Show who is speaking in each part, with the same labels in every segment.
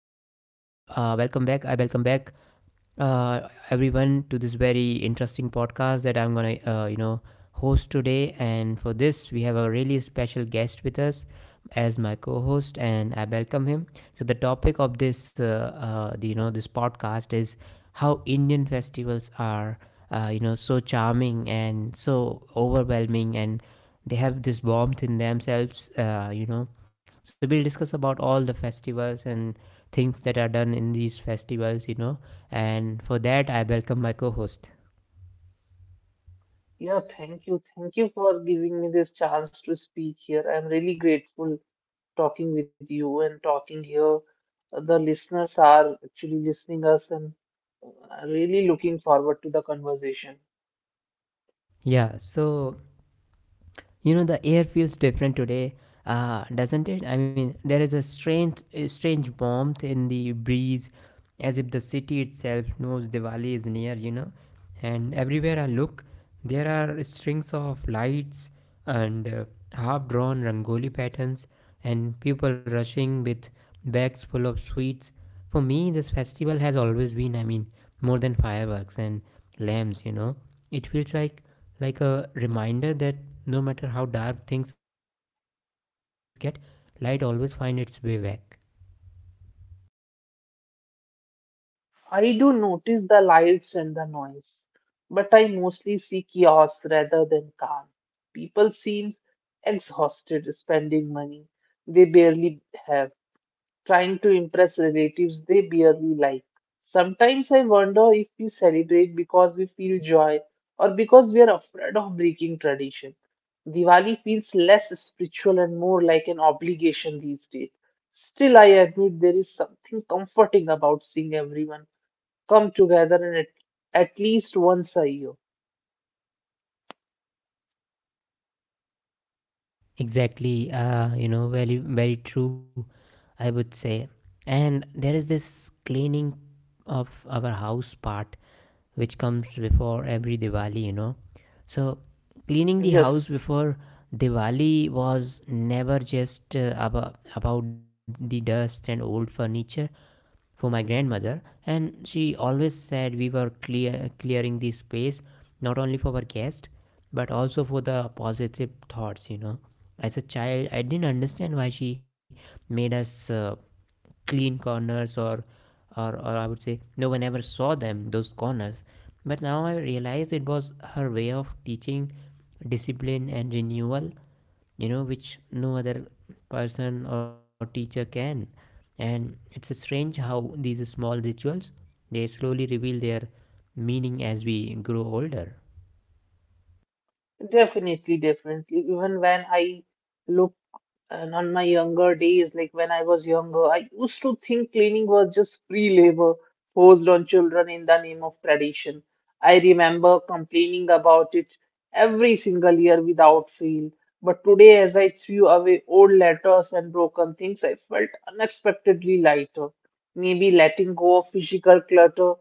Speaker 1: uh, welcome back. I welcome back everyone to this very interesting podcast that I'm gonna host today. And for this, we have a really special guest with us as my co-host, and I welcome him. So the topic of this the, you know this podcast is how Indian festivals are so charming and so overwhelming, and they have this warmth in themselves. So we'll discuss about all the festivals and things that are done in these festivals, you know, and for that, I welcome my co host.
Speaker 2: Yeah, thank you. Thank you for giving me this chance to speak here. I'm really grateful talking with you and talking here. The listeners are actually listening us and really looking forward to the conversation.
Speaker 1: Yeah, so you know, the air feels different today, doesn't it? I mean, there is a strange warmth in the breeze, as if the city itself knows Diwali is near, you know. And everywhere I look, there are strings of lights and half drawn rangoli patterns, and people rushing with bags full of sweets. For me, this festival has always been, I mean, more than fireworks and lamps, you know. It feels like a reminder that no matter how dark things get, light always finds its way back.
Speaker 2: I do notice the lights and the noise, but I mostly see chaos rather than calm. People seem exhausted spending money they barely have, trying to impress relatives they barely like. Sometimes I wonder if we celebrate because we feel joy or because we are afraid of breaking tradition. Diwali feels less spiritual and more like an obligation these days. Still, I admit there is something comforting about seeing everyone come together and at least once a year.
Speaker 1: Exactly, you know, very, very true, I would say. And there is this cleaning of our house part which comes before every Diwali, you know. So, cleaning the house
Speaker 2: Yes,
Speaker 1: before Diwali was never just about the dust and old furniture. For my grandmother, and she always said we were clearing the space not only for our guest but also for the positive thoughts, you know. As a child, I didn't understand why she made us clean corners, or I would say no one ever saw them, those corners, but now I realize it was her way of teaching discipline and renewal, you know, which no other person or teacher can. And it's strange how these small rituals they slowly reveal their meaning as we grow older.
Speaker 2: definitely. Even when I look. And on my younger days, like when I was younger, I used to think cleaning was just free labor forced on children in the name of tradition. I remember complaining about it every single year without fail. But today, as I threw away old letters and broken things, I felt unexpectedly lighter. Maybe letting go of physical clutter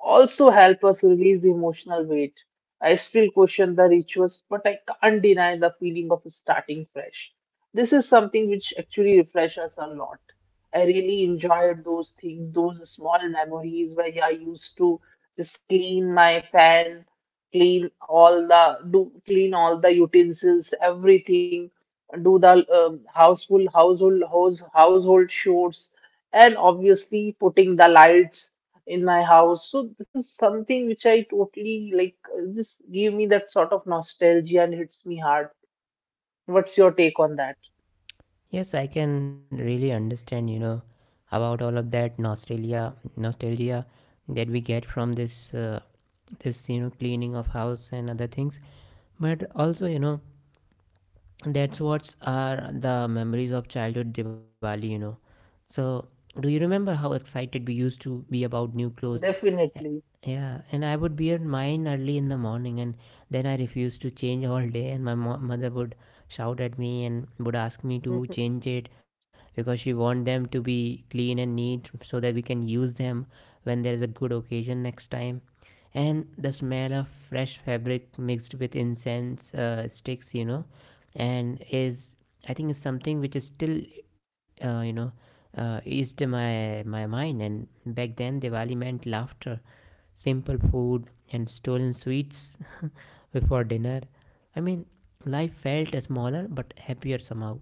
Speaker 2: also help us release the emotional weight. I still question the rituals, but I can't deny the feeling of starting fresh. This is something which actually refresh us a lot. I really enjoyed those things, those small memories where yeah, I used to just clean my fan, clean all the utensils, everything, do the household chores, and obviously putting the lights in my house. So this is something which I totally like. Just give me that sort of nostalgia and hits me hard. What's your take on that?
Speaker 1: Yes, I can really understand, you know, about all of that nostalgia that we get from this cleaning of house and other things. But also, you know, that's what's are the memories of childhood Diwali, you know. So, do you remember how excited we used to be about new clothes? Uh,
Speaker 2: Definitely.
Speaker 1: Yeah, and I would wear mine early in the morning, and then I refused to change all day, and my mother would shout at me and would ask me to change it because she want them to be clean and neat so that we can use them when there is a good occasion next time. And the smell of fresh fabric mixed with incense sticks, you know, and is I think is something which is still uh, you know eased my mind. And back then, Diwali meant laughter, simple food, and stolen sweets before dinner. I mean, life felt smaller but happier somehow.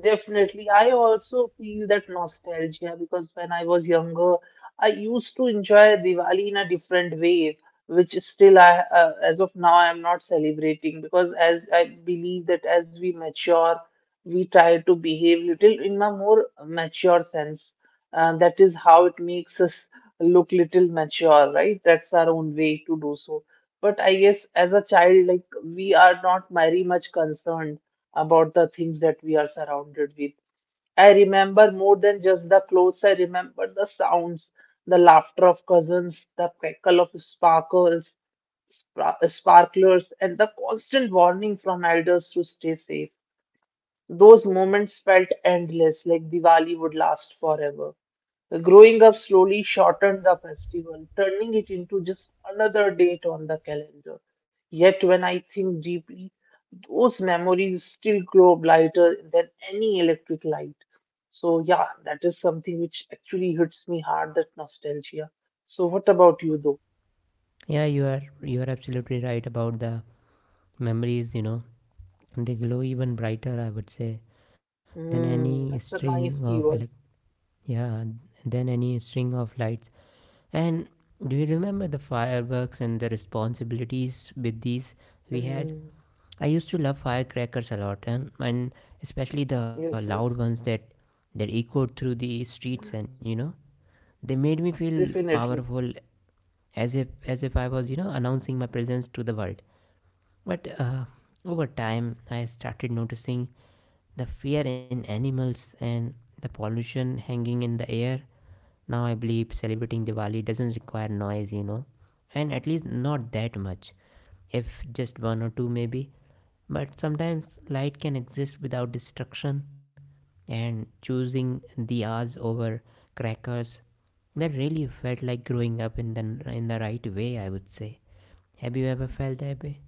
Speaker 2: Definitely. I also feel that nostalgia because when I was younger, I used to enjoy Diwali in a different way, which is still I as of now I'm not celebrating, because as I believe that as we mature, we try to behave little in a more mature sense. That is how it makes us look little mature, right? That's our own way to do so. But I guess as a child, like, we are not very much concerned about the things that we are surrounded with. I remember more than just the clothes, I remember the sounds, the laughter of cousins, the crackle of sparkles, sparklers, and the constant warning from elders to stay safe. Those moments felt endless, like Diwali would last forever. The growing up slowly shortened the festival, turning it into just another date on the calendar. Yet, when I think deeply, those memories still glow brighter than any electric light. So, yeah, that is something which actually hits me hard, that nostalgia. So, what about you, though?
Speaker 1: Yeah, you are absolutely right about the memories. You know, they glow even brighter, I would say, than any
Speaker 2: Mm, that's a
Speaker 1: string
Speaker 2: nice
Speaker 1: of
Speaker 2: keyword.
Speaker 1: yeah, than any string of lights. And do you remember the fireworks and the responsibilities with these we had?
Speaker 2: Mm,
Speaker 1: I used to love firecrackers a lot, and especially the loud
Speaker 2: yes, yes,
Speaker 1: ones that echoed through the streets, and you know, they made me feel
Speaker 2: definitely.
Speaker 1: powerful, as if I was, you know, announcing my presence to the world. But over time, I started noticing the fear in animals and the pollution hanging in the air. Now I believe celebrating Diwali doesn't require noise, you know, and at least not that much, if just one or two maybe. But sometimes light can exist without destruction, and choosing diyas over crackers, that really felt like growing up in the right way, I would say. Have you ever felt that way?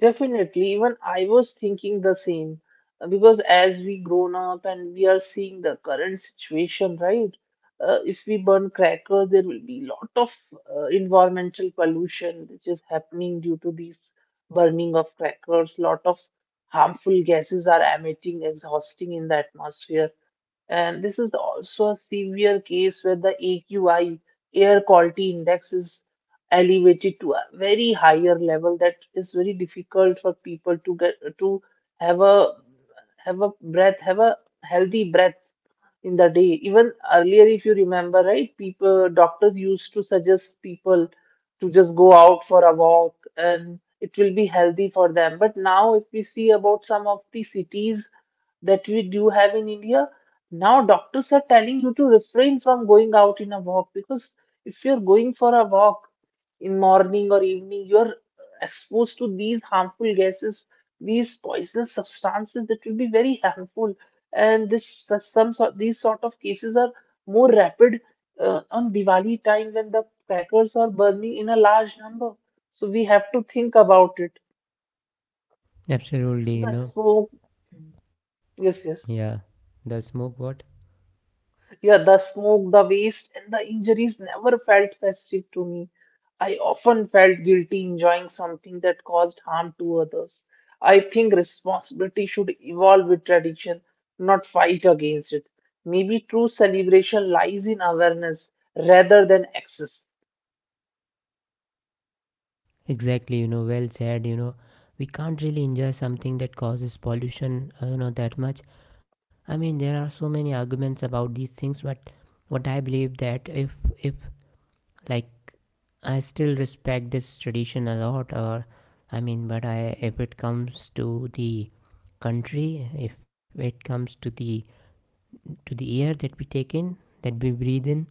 Speaker 2: Definitely, even I was thinking the same. Because as we grown up and we are seeing the current situation, right? If we burn crackers, there will be lot of environmental pollution which is happening due to these burning of crackers. Lot of harmful gases are emitting, exhausting in the atmosphere. And this is also a severe case where the AQI, air quality index, is elevated to a very higher level that is very difficult for people to get to have a have a breath, have a healthy breath in the day. Even earlier, if you remember, right, people, doctors used to suggest people to just go out for a walk and it will be healthy for them. But now, if we see about some of the cities that we do have in India, now doctors are telling you to refrain from going out in a walk, because if you're going for a walk in morning or evening, you're exposed to these harmful gases, these poisonous substances that will be very harmful, and this some sort these sort of cases are more rapid on Diwali time when the crackers are burning in a large number. So we have to think about it.
Speaker 1: Absolutely,
Speaker 2: So
Speaker 1: you
Speaker 2: the
Speaker 1: know.
Speaker 2: smoke, yes,
Speaker 1: Yeah,
Speaker 2: yes.
Speaker 1: the smoke what?
Speaker 2: Yeah, the smoke, the waste, and the injuries never felt festive to me. I often felt guilty enjoying something that caused harm to others. I think responsibility should evolve with tradition, not fight against it. Maybe true celebration lies in awareness rather than excess.
Speaker 1: Exactly, you know, well said, you know. We can't really enjoy something that causes pollution, you know, that much. I mean, there are so many arguments about these things, but what I believe that if like, I still respect this tradition a lot, or I mean, but I, if it comes to the country, if it comes to the air that we take in, that we breathe in,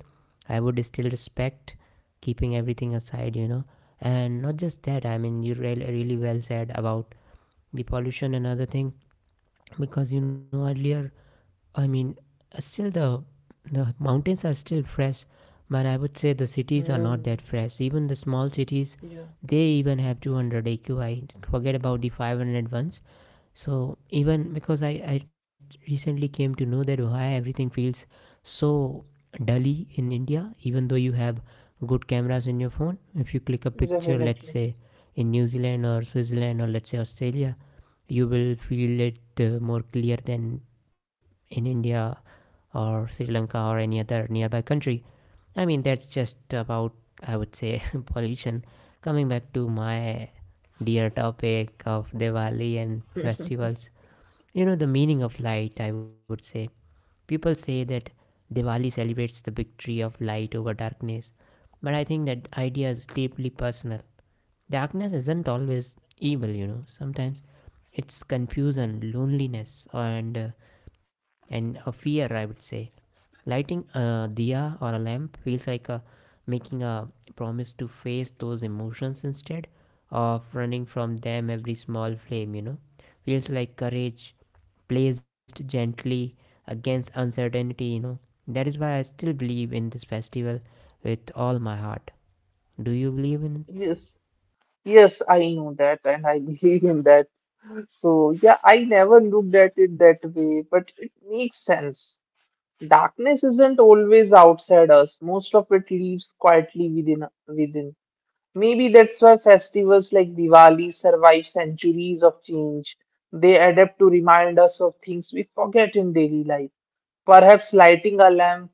Speaker 1: I would still respect, keeping everything aside, you know. And not just that, I mean, you really, really well said about the pollution and other thing, because you know earlier, I mean, still the mountains are still fresh, but I would say the cities are not that
Speaker 2: Hmm.
Speaker 1: fresh. Even the small cities,
Speaker 2: Yeah,
Speaker 1: they even have 200 AQI. Forget about the 500 ones. So even because I recently came to know that why everything feels so dully in India, even though you have good cameras in your phone if you click a picture, let's
Speaker 2: definitely.
Speaker 1: say, in New Zealand or Switzerland, or let's say Australia, you will feel it more clear than in India or Sri Lanka or any other nearby country. I mean, that's just about, I would say pollution. Coming back to my dear topic of Diwali and festivals, you know, the meaning of light, I would say. People say that Diwali celebrates the victory of light over darkness, but I think that idea is deeply personal. Darkness isn't always evil, you know, sometimes it's confusion, loneliness, and a fear, I would say. Lighting a diya or a lamp feels like a, making a promise to face those emotions instead of running from them, every small flame, you know. Feels like courage placed gently against uncertainty, you know. That is why I still believe in this festival with all my heart. Do you believe in it?
Speaker 2: Yes, yes, I know that, and I believe in that. So, yeah, I never looked at it that way, but it makes sense. Darkness isn't always outside us. Most of it lives quietly within. Maybe that's why festivals like Diwali survive centuries of change. They adapt to remind us of things we forget in daily life. Perhaps lighting a lamp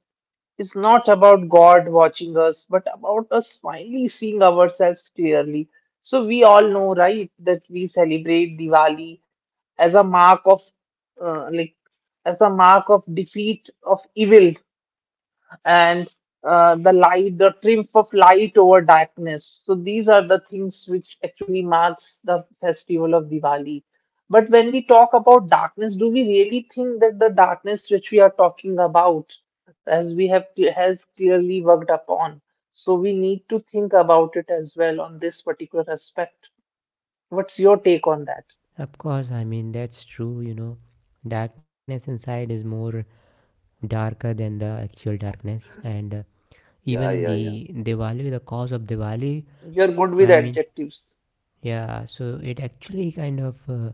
Speaker 2: is not about God watching us, but about us finally seeing ourselves clearly. So we all know, right, that we celebrate Diwali as a mark of, like, as a mark of defeat of evil, and the light, the triumph of light over darkness. So these are the things which actually marks the festival of Diwali. But when we talk about darkness, do we really think that the darkness which we are talking about, as we have has clearly worked upon? So we need to think about it as well on this particular aspect. What's your take on that?
Speaker 1: Of course, I mean, that's true, you know. Darkness inside is more darker than the actual darkness, and
Speaker 2: Yeah,
Speaker 1: even
Speaker 2: yeah, yeah.
Speaker 1: the Diwali, the cause of Diwali,
Speaker 2: You're good with
Speaker 1: I mean,
Speaker 2: adjectives.
Speaker 1: yeah, so it actually kind of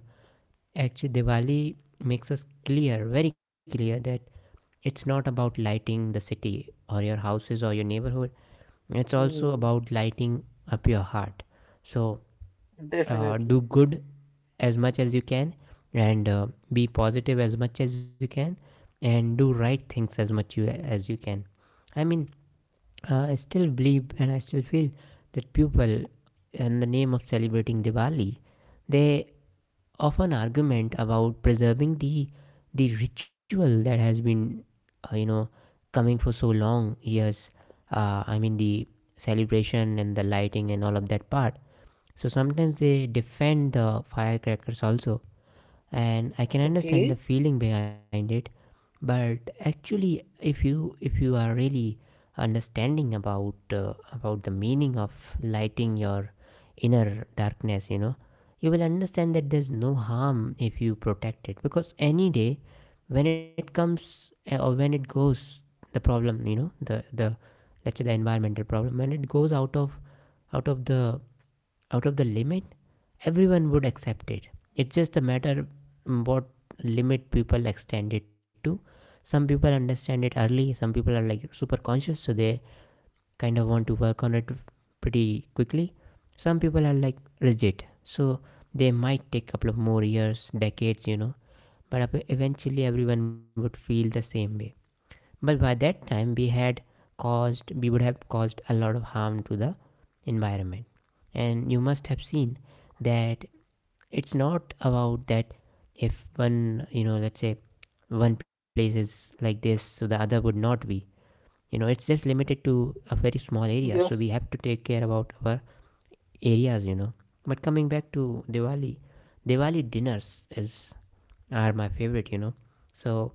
Speaker 1: actually Diwali makes us clear, very clear, that it's not about lighting the city or your houses or your neighborhood. It's also
Speaker 2: Hmm,
Speaker 1: about lighting up your heart. So
Speaker 2: definitely.
Speaker 1: do good as much as you can, and be positive as much as you can, and do right things as much you as you can. I mean, I still believe and I still feel that people, in the name of celebrating Diwali, they of an argument about preserving the ritual that has been uh, you know coming for so long years. I mean, the celebration and the lighting and all of that part, so sometimes they defend the firecrackers also, and I can understand the
Speaker 2: Okay.
Speaker 1: feeling behind it. But actually, if you are really understanding about the meaning of lighting your inner darkness, you know, you will understand that there's no harm if you protect it because any day when it comes or when it goes, the problem, you know, the let's say the environmental problem when it goes out of the out of the limit, everyone would accept it. It's just a matter what limit people extend it to. Some people understand it early, some people are like super conscious, so they kind of want to work on it pretty quickly. Some people are like rigid, so they might take a couple of more years, decades, you know, but eventually everyone would feel the same way, but by that time we would have caused a lot of harm to the environment. And you must have seen that it's not about that, if one, you know, let's say one place is like this, so the other would not be, you know, it's just limited to a very small area, so we
Speaker 2: Yes.
Speaker 1: have to take care about our areas, you know. But coming back to Diwali, diwali dinners is are my favorite, you know. So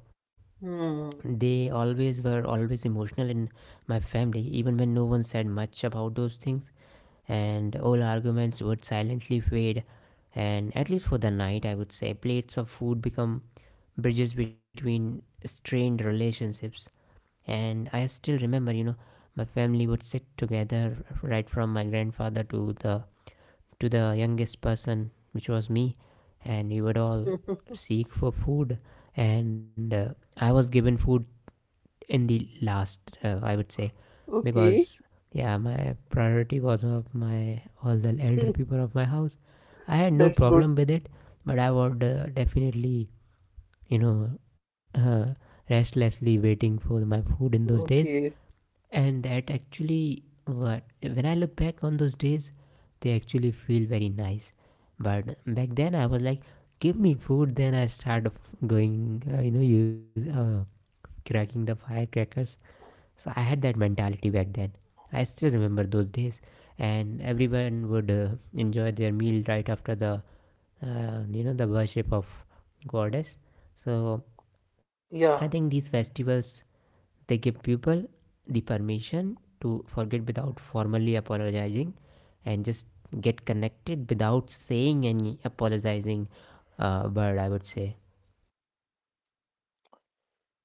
Speaker 2: Hmm.
Speaker 1: they always emotional in my family, even when no one said much about those things, and all arguments would silently fade, and at least for the night, I would say, plates of food become bridges between strained relationships. And I still remember, you know, my family would sit together right from my grandfather to the youngest person, which was me, and we would all seek for food. And I was given food in the last, I would say,
Speaker 2: Okay,
Speaker 1: because yeah, my priority was of my all the elder people of my house. I had no
Speaker 2: that's good.
Speaker 1: problem with it, but I would definitely, you know, uh, restlessly waiting for my food in those days.
Speaker 2: Okay,
Speaker 1: And that actually what, when I look back on those days, they actually feel very nice. But back then I was like, give me food, then I started going you know use cracking the firecrackers, so I had that mentality back then. I still remember those days, and everyone would enjoy their meal right after the the worship of goddess. So I think
Speaker 2: yeah,
Speaker 1: these festivals they give people the permission to forget without formally apologizing, and just get connected without saying any apologizing word, I would say.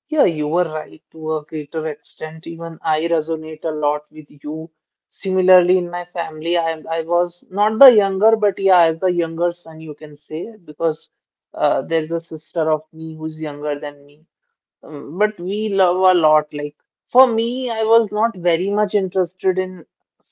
Speaker 2: yeah, you were right to a greater extent. Even I resonate a lot with you. Similarly, in my family, I was not the younger, but yeah, as the younger son, you can say, because there's a sister of me who's younger than me. But we love a lot. Like, for me, I was not very much interested in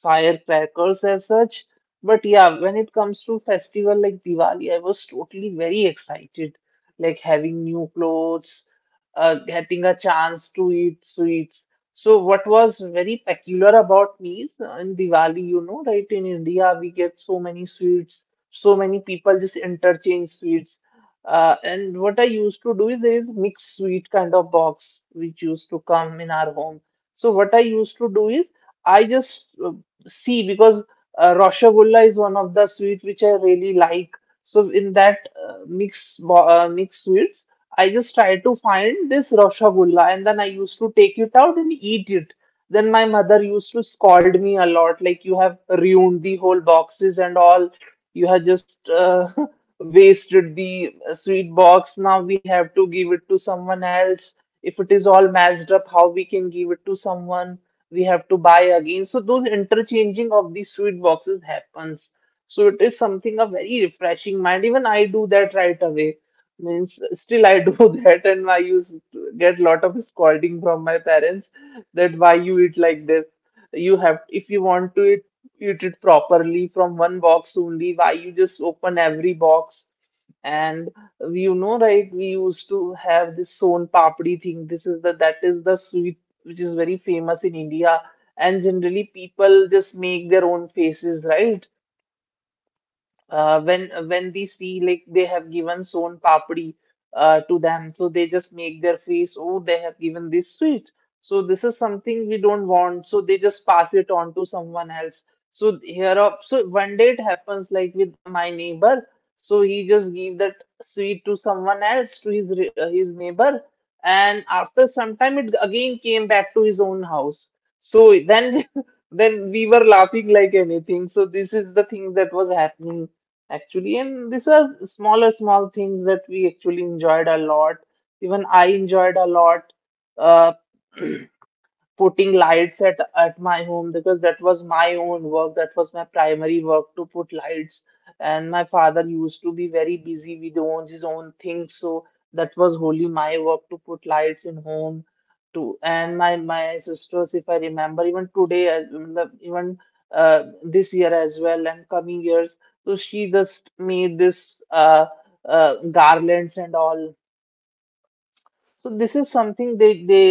Speaker 2: firecrackers as such. But yeah, when it comes to festival like Diwali, I was totally very excited. Like having new clothes, getting a chance to eat sweets. So what was very peculiar about me is, in Diwali, you know, right, in India, we get so many sweets. So many people just interchange sweets. And what I used to do is there is mixed sweet kind of box which used to come in our home. So what I used to do is I just see, because Roshagulla is one of the sweet which I really like. So in that mixed sweets, I just try to find this Roshagulla and then I used to take it out and eat it. Then my mother used to scold me a lot, like, you have ruined the whole boxes and all. You have just wasted the sweet box. Now we have to give it to someone else. If it is all mashed up, how we can give it to someone? We have to buy again. So those interchanging of these sweet boxes happens. So it is something of very refreshing mind. Even I do that right away. Means still I do that, and I used to get lot of scolding from my parents that why you eat like this. You have if you want to eat, distribute it properly from one box only. Why you just open every box? And you know, right, we used to have this son papdi thing. This is the That is the sweet which is very famous in India, and generally people just make their own faces, right, when they see like they have given sown papdi to them, so they just make their face, oh, they have given this sweet. So this is something we don't want. So they just pass it on to someone else. So here up, so one day it happens like with my neighbor. So he just gave that sweet to someone else, to his his neighbor, and after some time it again came back to his own house. So then then we were laughing like anything. So this is the thing that was happening actually, and these are small things that we actually enjoyed a lot. Even I enjoyed a lot uh, putting lights at my home, because that was my own work. That was my primary work to put lights. And my father used to be very busy with owns his own things, so that was wholly my work to put lights in home. To and my sisters, if I remember, even today, as matlab, even this year as well, and coming years, so she just made this garlands and all. So this is something they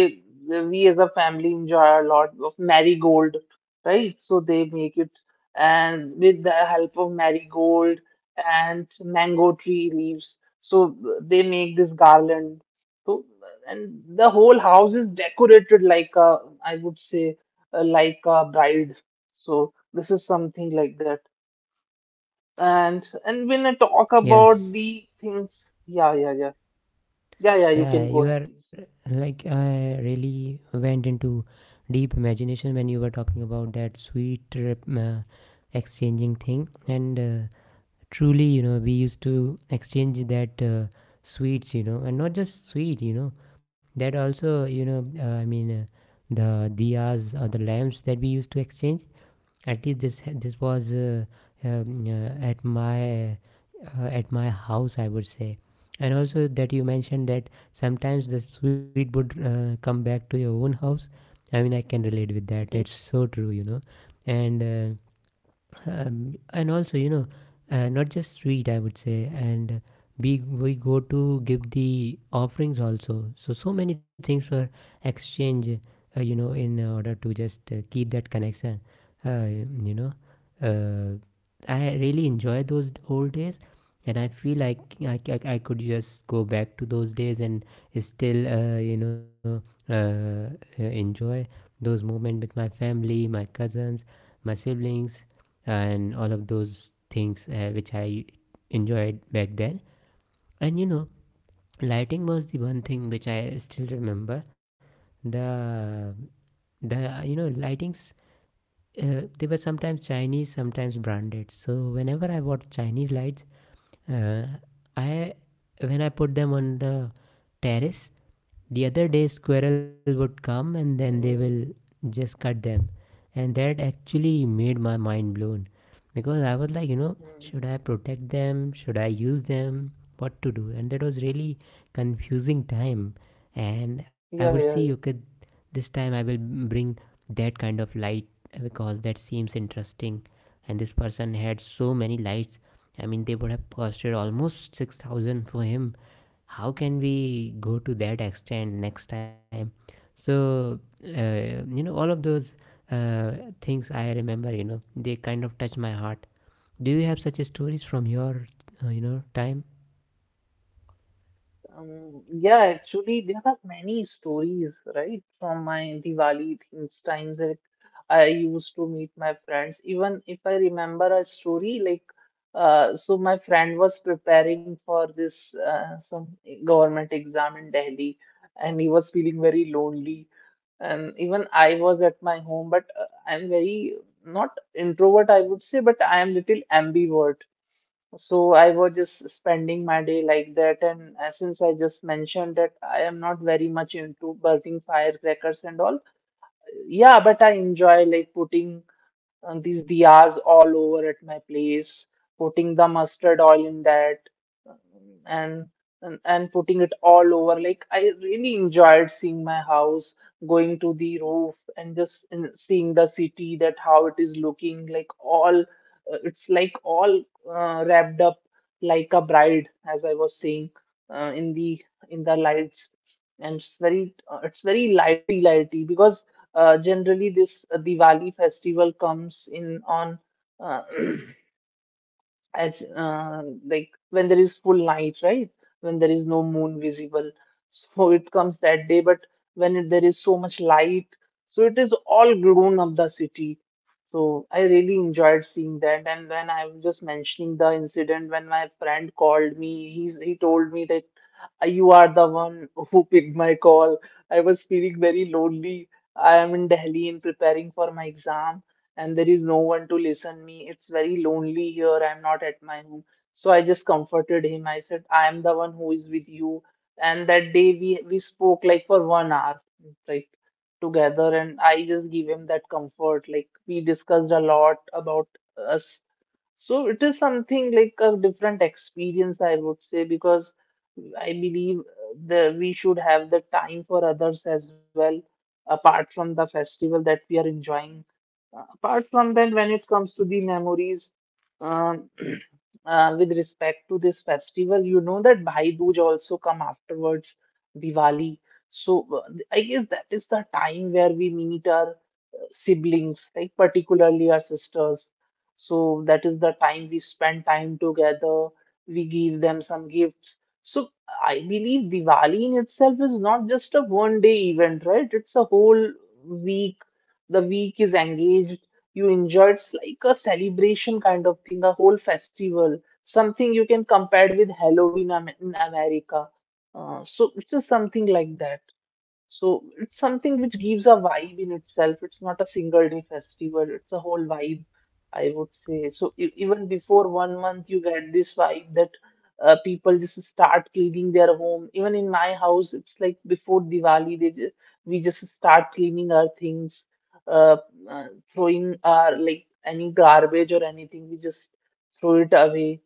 Speaker 2: we as a family enjoy a lot of marigold, right? So they make it, and with the help of marigold and mango tree leaves. So they make this garland. So, and the whole house is decorated like a, I would say, like a bride. So this is something like that. And when I talk about
Speaker 1: Yes.
Speaker 2: the things, yeah, yeah, yeah, yeah, yeah. You
Speaker 1: Yeah,
Speaker 2: can go
Speaker 1: you
Speaker 2: ahead,
Speaker 1: are like I really went into deep imagination when you were talking about that exchanging thing, and truly, you know, we used to exchange that sweets, you know. And not just sweet, you know, that also, you know, the diyas or the lamps that we used to exchange, at least this was um, uh, at my at my house, I would say. And also that you mentioned that sometimes the sweet would come back to your own house, I mean, I can relate with that. It's
Speaker 2: please.
Speaker 1: so true, you know. And and also, you know, not just sweet, I would say. And we go to give the offerings also. So so many things were exchanged, you know, in order to just keep that connection. uh, you know uh, I really enjoy those old days, and I feel like I could just go back to those days and still uh, enjoy those moments with my family, my cousins, my siblings, and all of those things which I enjoyed back then. And you know, lighting was the one thing which I still remember. The the lightings, they were sometimes Chinese, sometimes branded. So whenever I bought Chinese lights, uh, I, when I put them on the terrace, the other day, squirrel would come and then they will just cut them, and that actually made my mind blown, because I was like, you know,
Speaker 2: Mm.
Speaker 1: should I protect them? Should I use them? What to do? And that was really confusing time. And I would
Speaker 2: Yeah,
Speaker 1: see,
Speaker 2: yeah.
Speaker 1: okay, this time I will bring that kind of light because that seems interesting. And this person had so many lights. I mean, they would have costed almost 6,000 for him. How can we go to that extent next time? So all of those uh, things I remember, you know, they kind of touch my heart. Do you have such stories from your time?
Speaker 2: Yeah, actually, there are many stories, right? From my Diwali things, times that I used to meet my friends. Even if I remember a story, so my friend was preparing for this some government exam in Delhi, and he was feeling very lonely. And even I was at my home, but I'm very not introvert, I would say, but I am little ambivert. So I was just spending my day like that, and since I just mentioned that I am not very much into burning firecrackers and all, yeah, but I enjoy like putting these diyas all over at my place, putting the mustard oil in that, um, and and putting it all over. Like I really enjoyed seeing my house, going to the roof and just and seeing the city that how it is looking like all it's like all wrapped up like a bride, as I was saying, uh, in the in the lights and it's very lighty lighty because generally, this Diwali festival comes in on uh, as like when there is full night, right? When there is no moon visible, so it comes that day. But when it, there is so much light, so it is all grown up the city. So I really enjoyed seeing that. And when I was just mentioning the incident, when my friend called me, he told me that You are the one who picked my call. I was feeling very lonely. I am in Delhi and preparing for my exam and there is no one to listen me. It's very lonely here. I'm not at my home. So I just comforted him. I said, I am the one who is with you. And that day we spoke like for 1 hour, like together, and I just give him that comfort. Like we discussed a lot about us. So it is something like a different experience, I would say, because I believe that we should have the time for others as well, apart from the festival that we are enjoying apart from that, when it comes to the memories, um, with respect to this festival, you know that Bhai Dooj also come afterwards, Diwali. So I guess that is the time where we meet our siblings, like particularly our sisters. So that is the time we spend time together. We give them some gifts. So I believe Diwali in itself is not just a one day event, right? It's a whole week. The week is engaged. You enjoy it's like a celebration kind of thing, a whole festival, something you can compare with Halloween in America. So it is something like that. So it's something which gives a vibe in itself. It's not a single day festival, it's a whole vibe, I would say. So even before 1 month, you get this vibe that people just start cleaning their home. Even in my house, it's like before Diwali, we just start cleaning our things, uh, uh, throwing our like any garbage or anything, we just throw it away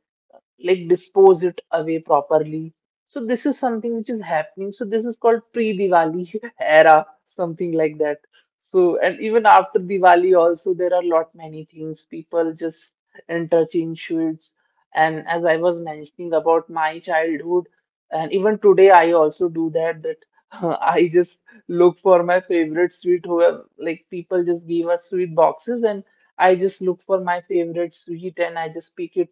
Speaker 2: like dispose it away properly. So this is something which is happening. So this is called pre-Diwali era, something like that. So and even after Diwali also there are lot many things. People just interchange sweets. And as I was mentioning about my childhood, and even today I also do that that I just look for my favorite sweet whoever like people just give us sweet boxes and I just look for my favorite sweet and I just pick it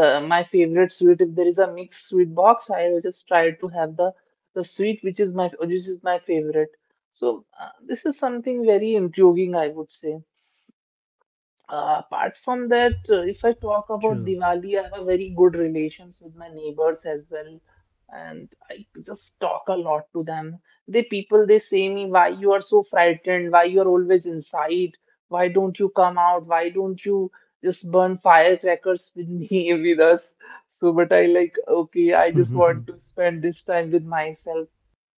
Speaker 2: the my favorite sweet if there is a mixed sweet box, I'll just try to have the sweet which is my favorite. So this is something very intriguing, I would say. Apart from that, if I talk about
Speaker 1: True.
Speaker 2: Diwali, I have very good relations with my neighbors as well, and I just talk a lot to them. They people they say me, why you are so frightened? Why you are always inside? Why don't you come out? Why don't you just burn firecrackers with me with us? So, but I like okay, I just want to spend this time with myself.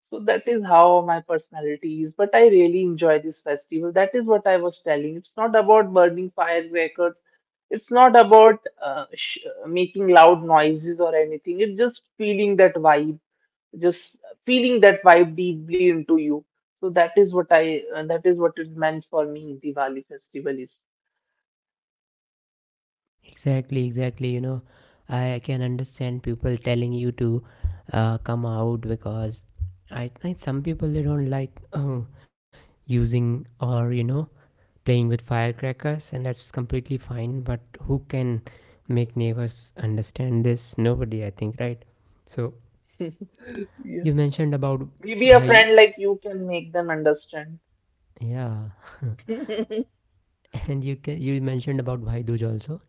Speaker 2: So that is how my personality is. But I really enjoy this festival. That is what I was telling. It's not about burning firecrackers. It's not about making loud noises or anything. It's just feeling that vibe, just feeling that vibe deeply into you. So that is what that is what it meant for me. Diwali festival is.
Speaker 1: Exactly, exactly, you know, I can understand people telling you to come out, because I think some people they don't like using or you know playing with firecrackers, and that's completely fine. But who can make neighbors understand this? Nobody, I think, right? So
Speaker 2: Yeah.
Speaker 1: you mentioned about
Speaker 2: Maybe a
Speaker 1: bhai,
Speaker 2: friend like you can make them understand.
Speaker 1: yeah, and you can, you mentioned about bhai dooj also.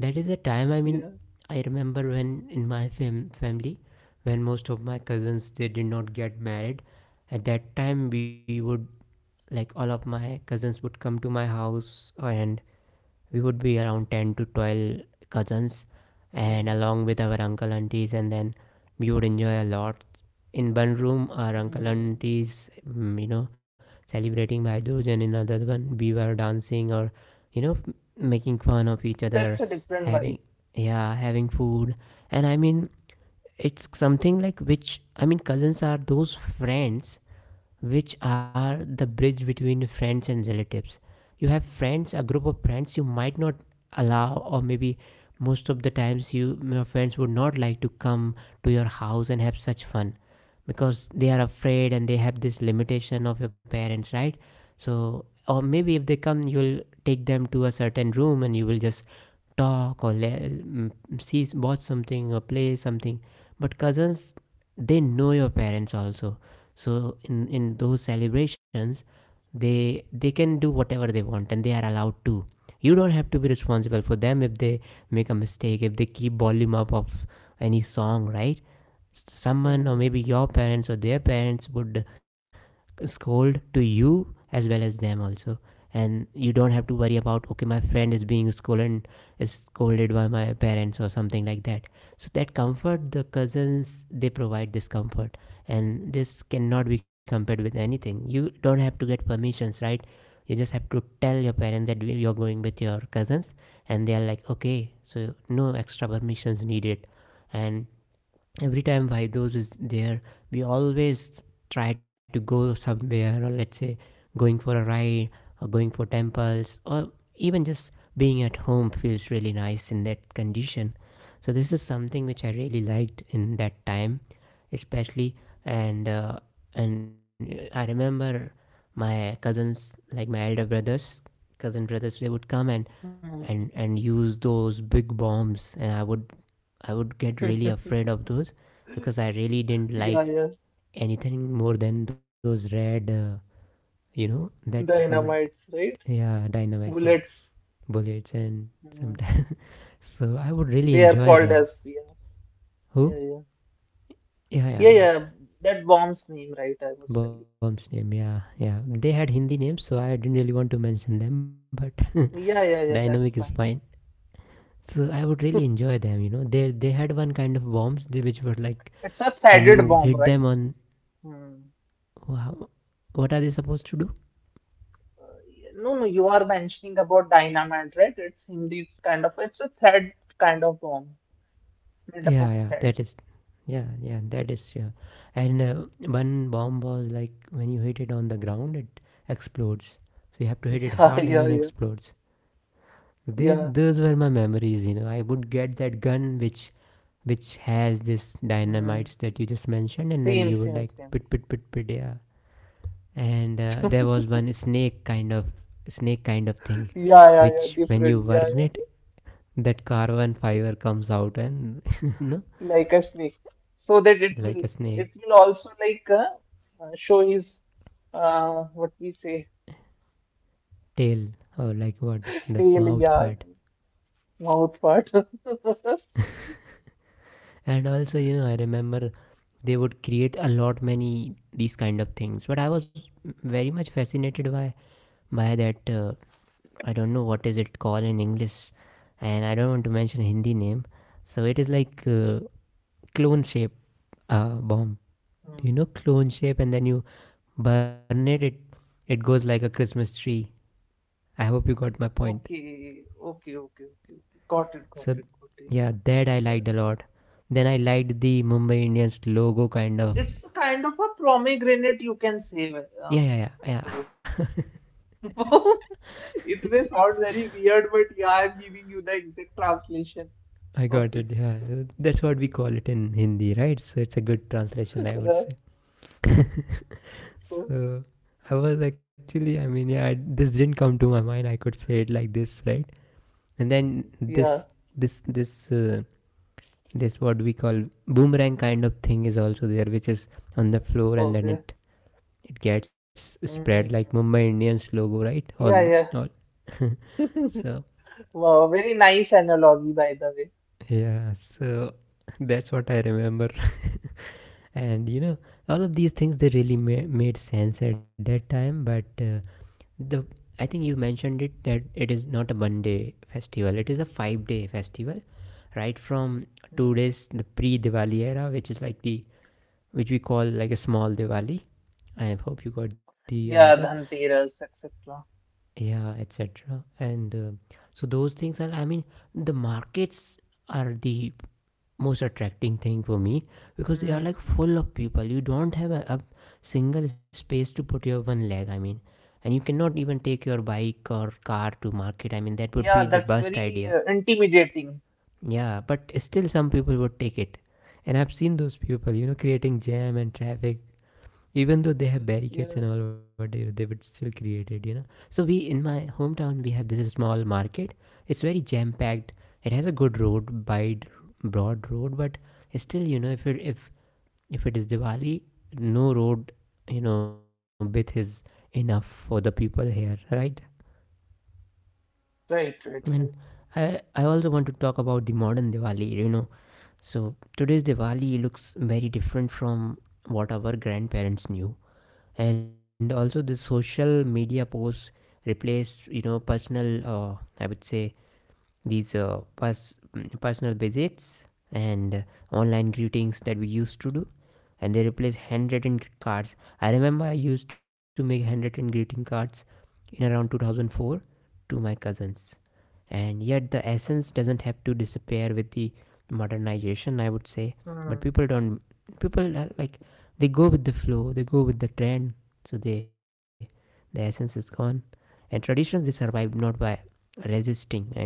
Speaker 1: That is a time. I mean,
Speaker 2: Yeah.
Speaker 1: I remember when in my family, when most of my cousins they did not get married. At that time, we would, like, all of my cousins would come to my house, and we would be around 10 to 12 cousins
Speaker 2: Mm.
Speaker 1: and along with our uncle aunties, and then we would enjoy a lot. In one room our uncle
Speaker 2: Mm.
Speaker 1: aunties, you know, celebrating by those, and in another one we were dancing or you know making fun of each
Speaker 2: That's
Speaker 1: other,
Speaker 2: a different vibe.
Speaker 1: having, yeah, having food. And I mean, it's something like, which I mean, cousins are those friends which are the bridge between friends and relatives. You have friends, a group of friends you might not allow, or maybe most of the times you, your friends would not like to come to your house and have such fun because they are afraid and they have this limitation of your parents, right? So, or maybe if they come, you'll take them to a certain room and you will just talk or see, watch something or play something. But cousins, they know your parents also, so in those celebrations they can do whatever they want, and they are allowed to. You don't have to be responsible for them if they make a mistake, if they keep volume up of any song, right, someone or
Speaker 2: Hmm,
Speaker 1: maybe your parents or their parents would scold to you as well as them also. And you don't have to worry about, okay, my friend is being scolded, is scolded by my parents or something like that. So that comfort, the cousins, they provide this comfort, and this cannot be compared with anything. You don't have to get permissions, right? You just have to tell your parents that you're going with your cousins, and they are like okay, so no extra permissions needed. And every time Vibedose is there, we always try to go somewhere, or let's say going for a ride, or going for temples, or even just being at home feels really nice in that condition. So this is something which I really liked in that time, especially. And and I remember my cousins, like my elder brothers, cousin brothers, they would come and
Speaker 2: hmm.
Speaker 1: and use those big bombs, and I would get really afraid of those, because I really didn't
Speaker 2: Yeah,
Speaker 1: like
Speaker 2: yeah.
Speaker 1: anything more than those red, that, mm,
Speaker 2: Dynamites, right?
Speaker 1: yeah, dynamites, yeah,
Speaker 2: Bullets.
Speaker 1: bullets, and
Speaker 2: Hmm.
Speaker 1: sometimes. So I would really
Speaker 2: They are
Speaker 1: enjoy
Speaker 2: called
Speaker 1: them.
Speaker 2: as yeah,
Speaker 1: Who?
Speaker 2: yeah, yeah,
Speaker 1: Yeah,
Speaker 2: yeah,
Speaker 1: yeah, yeah.
Speaker 2: yeah. That bomb's name, right? I was telling.
Speaker 1: Bomb's name, yeah, yeah. They had Hindi names, so I didn't really want to mention them, but
Speaker 2: Yeah, yeah, yeah. That's
Speaker 1: dynamic is
Speaker 2: fine.
Speaker 1: fine. So I would really enjoy them, you know. They had one kind of bombs, they, which were like
Speaker 2: It's a
Speaker 1: when
Speaker 2: threaded
Speaker 1: you
Speaker 2: bomb,
Speaker 1: hit them
Speaker 2: right?
Speaker 1: on,
Speaker 2: Hmm.
Speaker 1: wow, what are they supposed to do?
Speaker 2: Uh, yeah, no, no. You are mentioning about dynamite, right? It's indeed kind of it's a thread kind of bomb made up
Speaker 1: Yeah,
Speaker 2: of
Speaker 1: yeah,
Speaker 2: thread.
Speaker 1: that is, yeah, yeah, that is, yeah. And one bomb was like when you hit it on the ground, it explodes. So you have to hit it
Speaker 2: Yeah,
Speaker 1: hard, and
Speaker 2: yeah,
Speaker 1: then
Speaker 2: yeah,
Speaker 1: explodes. These,
Speaker 2: yeah.
Speaker 1: those were my memories, you know. I would get that gun which has this
Speaker 2: Hmm.
Speaker 1: dynamites that you just mentioned, and then
Speaker 2: Same,
Speaker 1: you would
Speaker 2: same,
Speaker 1: like
Speaker 2: same.
Speaker 1: pit pit pit pit, yeah. And there was one snake kind of thing
Speaker 2: Yeah, yeah, yeah.
Speaker 1: which when you
Speaker 2: Different. Yeah,
Speaker 1: burn
Speaker 2: yeah.
Speaker 1: it, that carbon fiber comes out and you know,
Speaker 2: Like a snake so that
Speaker 1: like a snake,
Speaker 2: it will also like show his what we say
Speaker 1: tail, or like what the
Speaker 2: tail,
Speaker 1: mouth
Speaker 2: yeah, yeah,
Speaker 1: part.
Speaker 2: mouth part.
Speaker 1: And also, you know, I remember they would create a lot many these kind of things, but I was very much fascinated by that I don't know what is it called in English, and I don't want to mention Hindi name. So it is like clone shape bomb.
Speaker 2: Hmm.
Speaker 1: Do you know clone shape? And then you burn it, it, it goes like a Christmas tree. I hope you got my point.
Speaker 2: Okay, okay, okay, okay, okay, got it,
Speaker 1: So
Speaker 2: got it, got it.
Speaker 1: yeah, that I liked a lot. Then I liked the Mumbai Indians logo kind of.
Speaker 2: It's a kind of a pomegranate you can say well,
Speaker 1: Yeah, yeah, yeah,
Speaker 2: though
Speaker 1: yeah.
Speaker 2: it may sound very weird but yeah I'm giving you the exact translation
Speaker 1: I got
Speaker 2: of
Speaker 1: it.
Speaker 2: it.
Speaker 1: Yeah, that's what we call it in Hindi, right? So it's a good translation, I would say.
Speaker 2: So
Speaker 1: So I was actually, I mean, yeah, I, this didn't come to my mind. I could say it like this, right? And then
Speaker 2: yeah.
Speaker 1: this, this what we call boomerang kind of thing is also there, which is on the floor, and then
Speaker 2: Okay.
Speaker 1: it gets spread like
Speaker 2: Hmm.
Speaker 1: Mumbai Indians logo, right? All,
Speaker 2: Yeah,
Speaker 1: all.
Speaker 2: yeah.
Speaker 1: So
Speaker 2: Wow, very nice analogy, by the way.
Speaker 1: yeah, so that's what I remember. And you know, all of these things they really made sense at that time. But the I think you mentioned it that it is not a 1 day festival. It is a 5 day festival, right? From two
Speaker 2: Hmm.
Speaker 1: days the pre Diwali era, which is like the, which we call like a small Diwali. I hope you got the answer.
Speaker 2: Yeah, Dhanteras, etc.
Speaker 1: Yeah, etc. And so those things are. I mean, the markets are the most attracting thing for me because they
Speaker 2: Hmm.
Speaker 1: are like full of people. You don't have a single space to put your one leg, I mean. And you cannot even take your bike or car to market, I mean, that would
Speaker 2: Yeah,
Speaker 1: be the
Speaker 2: that's
Speaker 1: best
Speaker 2: very
Speaker 1: idea.
Speaker 2: intimidating.
Speaker 1: Yeah, but still some people would take it, and I've seen those people, you know, creating jam and traffic, even though they have barricades and
Speaker 2: Yeah.
Speaker 1: all, but they would still create it, you know. So we, in my hometown, we have this small market. It's very jam packed. It has a good road, wide, broad road. But still, you know, if it, if it is Diwali, no road, you know, width is enough for the people here, right?
Speaker 2: Right,
Speaker 1: And
Speaker 2: right, right.
Speaker 1: I also want to talk about the modern Diwali, you know. So today's Diwali looks very different from what our grandparents knew, and also the social media posts replace you know personal I would say these personal visits and online greetings that we used to do, and they replace handwritten cards. I remember I used to make handwritten greeting cards in around 2004 to my cousins, and yet the essence doesn't have to disappear with the modernization, I would say.
Speaker 2: Hmm.
Speaker 1: But people don't. People are like, they go with the flow, they go with the trend, so they, the essence is gone. And traditions, they survive not by resisting I mean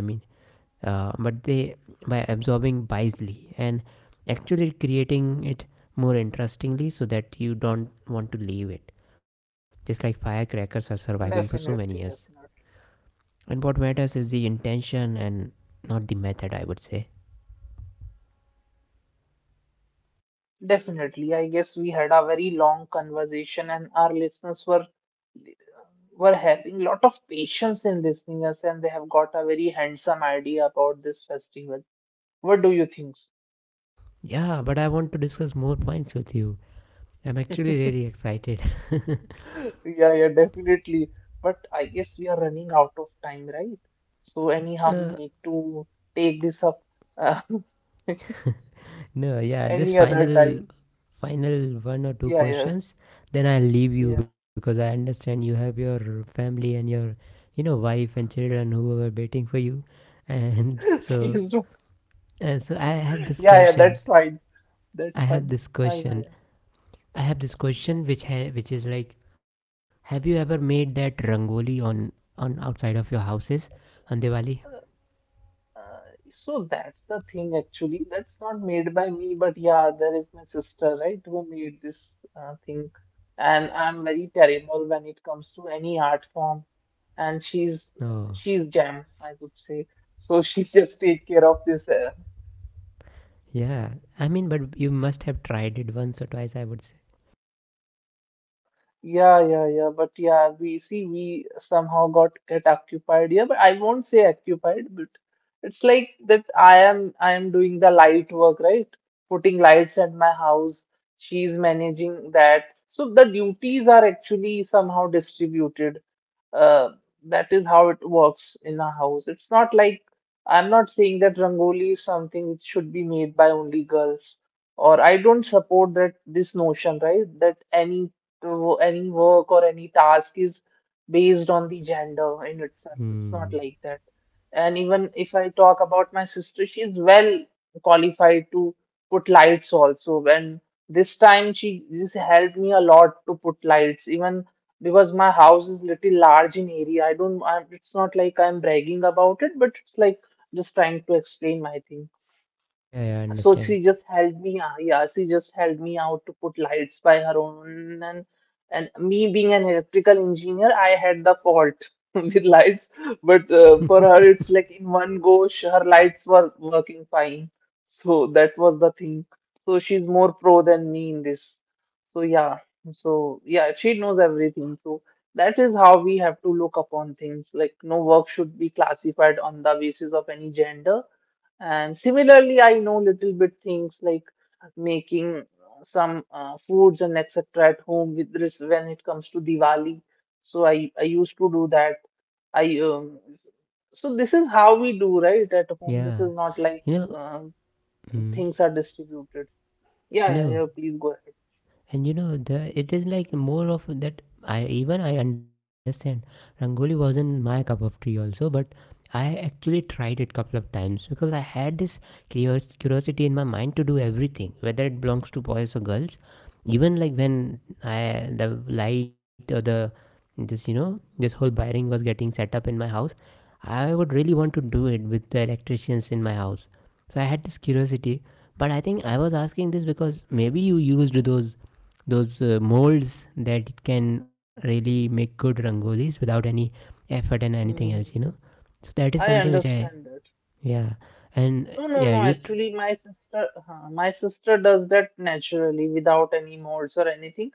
Speaker 1: but they by absorbing wisely and actually creating it more interestingly so that you don't want to leave it, just like firecrackers are surviving for so many years.
Speaker 2: Definitely, definitely.
Speaker 1: And what matters is the intention and not the method, I would say.
Speaker 2: Definitely. I guess we had a very long conversation and our listeners were having lot of patience in listening us and they have got a very handsome idea about this festival. What do you think?
Speaker 1: Yeah, but I want to discuss more points with you. I'm actually really excited.
Speaker 2: Yeah, yeah, definitely. But I guess we are running out of time, right? So
Speaker 1: Uh,
Speaker 2: anyhow, we need to take this up uh,
Speaker 1: no, yeah, just
Speaker 2: any other
Speaker 1: final
Speaker 2: time.
Speaker 1: final one or two
Speaker 2: Yeah, yeah,
Speaker 1: questions, then I'll leave you
Speaker 2: yeah.
Speaker 1: because I understand you have your family and your wife and children who are waiting for you and
Speaker 2: Please do.
Speaker 1: so I have this
Speaker 2: Yeah, yeah,
Speaker 1: question
Speaker 2: that's fine. That's
Speaker 1: i have
Speaker 2: fine.
Speaker 1: this
Speaker 2: Ah,
Speaker 1: question
Speaker 2: yeah,
Speaker 1: I have this
Speaker 2: yeah,
Speaker 1: question which which is like, have you ever made that rangoli on outside of your houses on Diwali?
Speaker 2: yeah. Uh, so that's the thing actually. That's not made by me, but yeah, there is my sister, right, who made this thing. And I'm very terrible when it comes to any art form. And
Speaker 1: Oh,
Speaker 2: she's jam, I would say. So she just take care of this
Speaker 1: yeah. I mean, but you must have tried it once or twice, I would say.
Speaker 2: Yeah, yeah, yeah. But yeah, we somehow got get occupied here, but I won't say occupied, but it's like that I am doing the light work, right? Putting lights at my house. She's managing that. So the duties are actually somehow distributed. Uh, that is how it works in a house. It's not like I'm not saying that Rangoli is something which should be made by only girls, or I don't support that this notion, right? That any work or any task is based on the gender in itself. It's not
Speaker 1: Hmm.
Speaker 2: like that. And even if I talk about my sister, she's well qualified to put lights also. And this time she just helped me a lot to put lights, even because my house is little large in area. I don't, I, it's not like I'm bragging about it, but it's like just trying to explain my thing.
Speaker 1: Yeah, yeah, I
Speaker 2: So
Speaker 1: understand.
Speaker 2: she just helped me out. Yeah, she just helped me out to put lights by her own. And me being an electrical engineer, I had the fault with lights. But for her, it's like in one go, her lights were working fine. So that was the thing. So she's more pro than me in this. So yeah, so yeah, she knows everything. So that is how we have to look upon things. Like no work should be classified on the basis of any gender. And similarly, I know little bit things like making some foods and etc. at home with this when it comes to Diwali. So I used to do that. I So this is how we do right at home. This
Speaker 1: Yeah.
Speaker 2: is not like
Speaker 1: You know,
Speaker 2: um,
Speaker 1: mm,
Speaker 2: things are distributed. Yeah, yeah,
Speaker 1: no.
Speaker 2: yeah. Please go ahead.
Speaker 1: And you know, the it is like more of that. I even, I understand rangoli wasn't my cup of tea also, but I actually tried it couple of times because I had this curiosity in my mind to do everything, whether it belongs to boys or girls. Even like when I the light or the this you know this whole wiring was getting set up in my house, I would really want to do it with the electricians in my house. So I had this curiosity, but I think I was asking this because maybe you used those molds that can really make good rangolis without any effort and anything else,
Speaker 2: Hmm.
Speaker 1: you know. So that is
Speaker 2: I
Speaker 1: something which I
Speaker 2: understand.
Speaker 1: yeah and
Speaker 2: No, no,
Speaker 1: yeah
Speaker 2: no.
Speaker 1: you tr-
Speaker 2: Actually, my sister does that naturally without any molds or anything.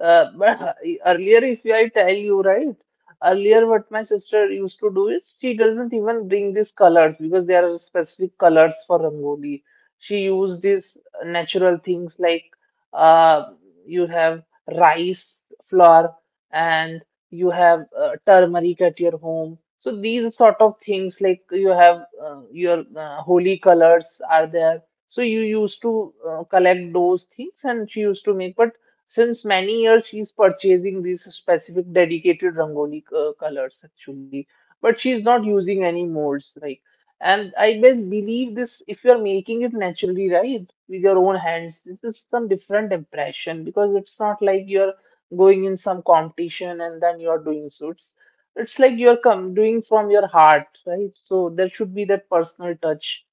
Speaker 2: But earlier, if I tell you right, earlier what my sister used to do is she doesn't even bring these colors because there are specific colors for rangoli. She used these natural things like uh, you have rice flour and you have turmeric at your home. So these sort of things like you have your holy colors are there. So you used to collect those things and she used to make. But since many years she's purchasing these specific dedicated rangoli colors actually. But she's not using any molds like. And I best believe this if you're making it naturally right with your own hands, this is some different impression because it's not like you're going in some competition and then you are doing suits, it's like you're come doing from your heart, right? So there should be that personal touch.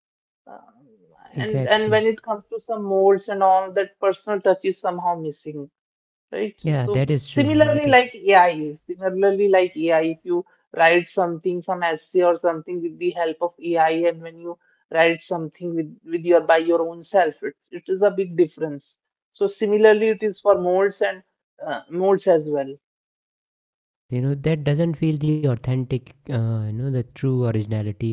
Speaker 2: um, and
Speaker 1: exactly,
Speaker 2: when it comes to some molds and all that personal touch is somehow missing. Right. So
Speaker 1: yeah,
Speaker 2: so
Speaker 1: that is true,
Speaker 2: similarly,
Speaker 1: that is true.
Speaker 2: like AI is similarly like AI. If you write something, some essay or something with the help of AI, and when you write something with your by your own self, it is a big difference. So similarly, it is for modes and modes as well.
Speaker 1: Yes, you know, that doesn't feel the authentic you know, the true originality.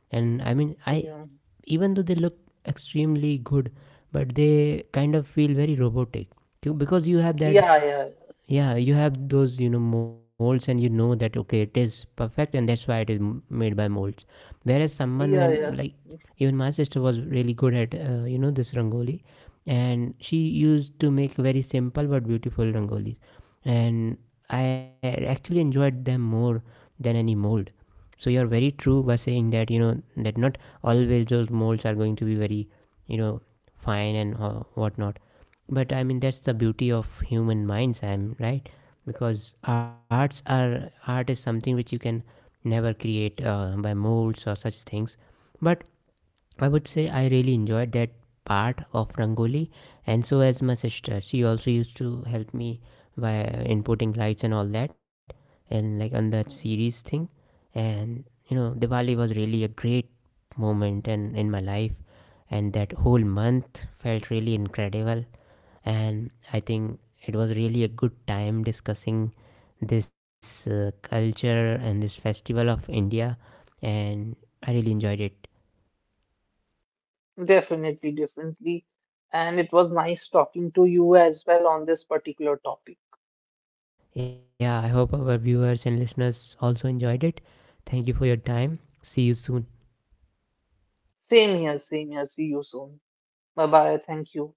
Speaker 1: And I mean, I,
Speaker 2: Yeah.
Speaker 1: even though they look extremely good, but they kind of feel very robotic. Because you have that
Speaker 2: Yeah. Yeah.
Speaker 1: yeah you have those, you know, molds, and you know that okay, it is perfect, and that's why it is made by molds. Whereas someone when
Speaker 2: Yeah. Yeah.
Speaker 1: like, even my sister was really good at you know, this rangoli, and she used to make very simple but beautiful rangolis. And I actually enjoyed them more than any mold. So you're very true by saying that you know that not always those molds are going to be very, you know, fine and whatnot. But I mean, that's the beauty of human minds, I'm right. Because art is something which you can never create by molds or such things. But I would say I really enjoyed that part of rangoli. And so as my sister, she also used to help me by inputting lights and all that, and like on that series
Speaker 2: Mhm.
Speaker 1: thing. And you know, Diwali was really a great moment and in my life, and that whole month felt really incredible. And I think it was really a good time discussing this culture and this festival of India, and I really enjoyed it.
Speaker 2: Definitely. Definitely. And it was nice talking to you as well on this particular topic.
Speaker 1: Yeah, I hope our viewers and listeners also enjoyed it. Thank you for your time. See you soon.
Speaker 2: Same here. Same here. See you soon. Bye bye. Thank you.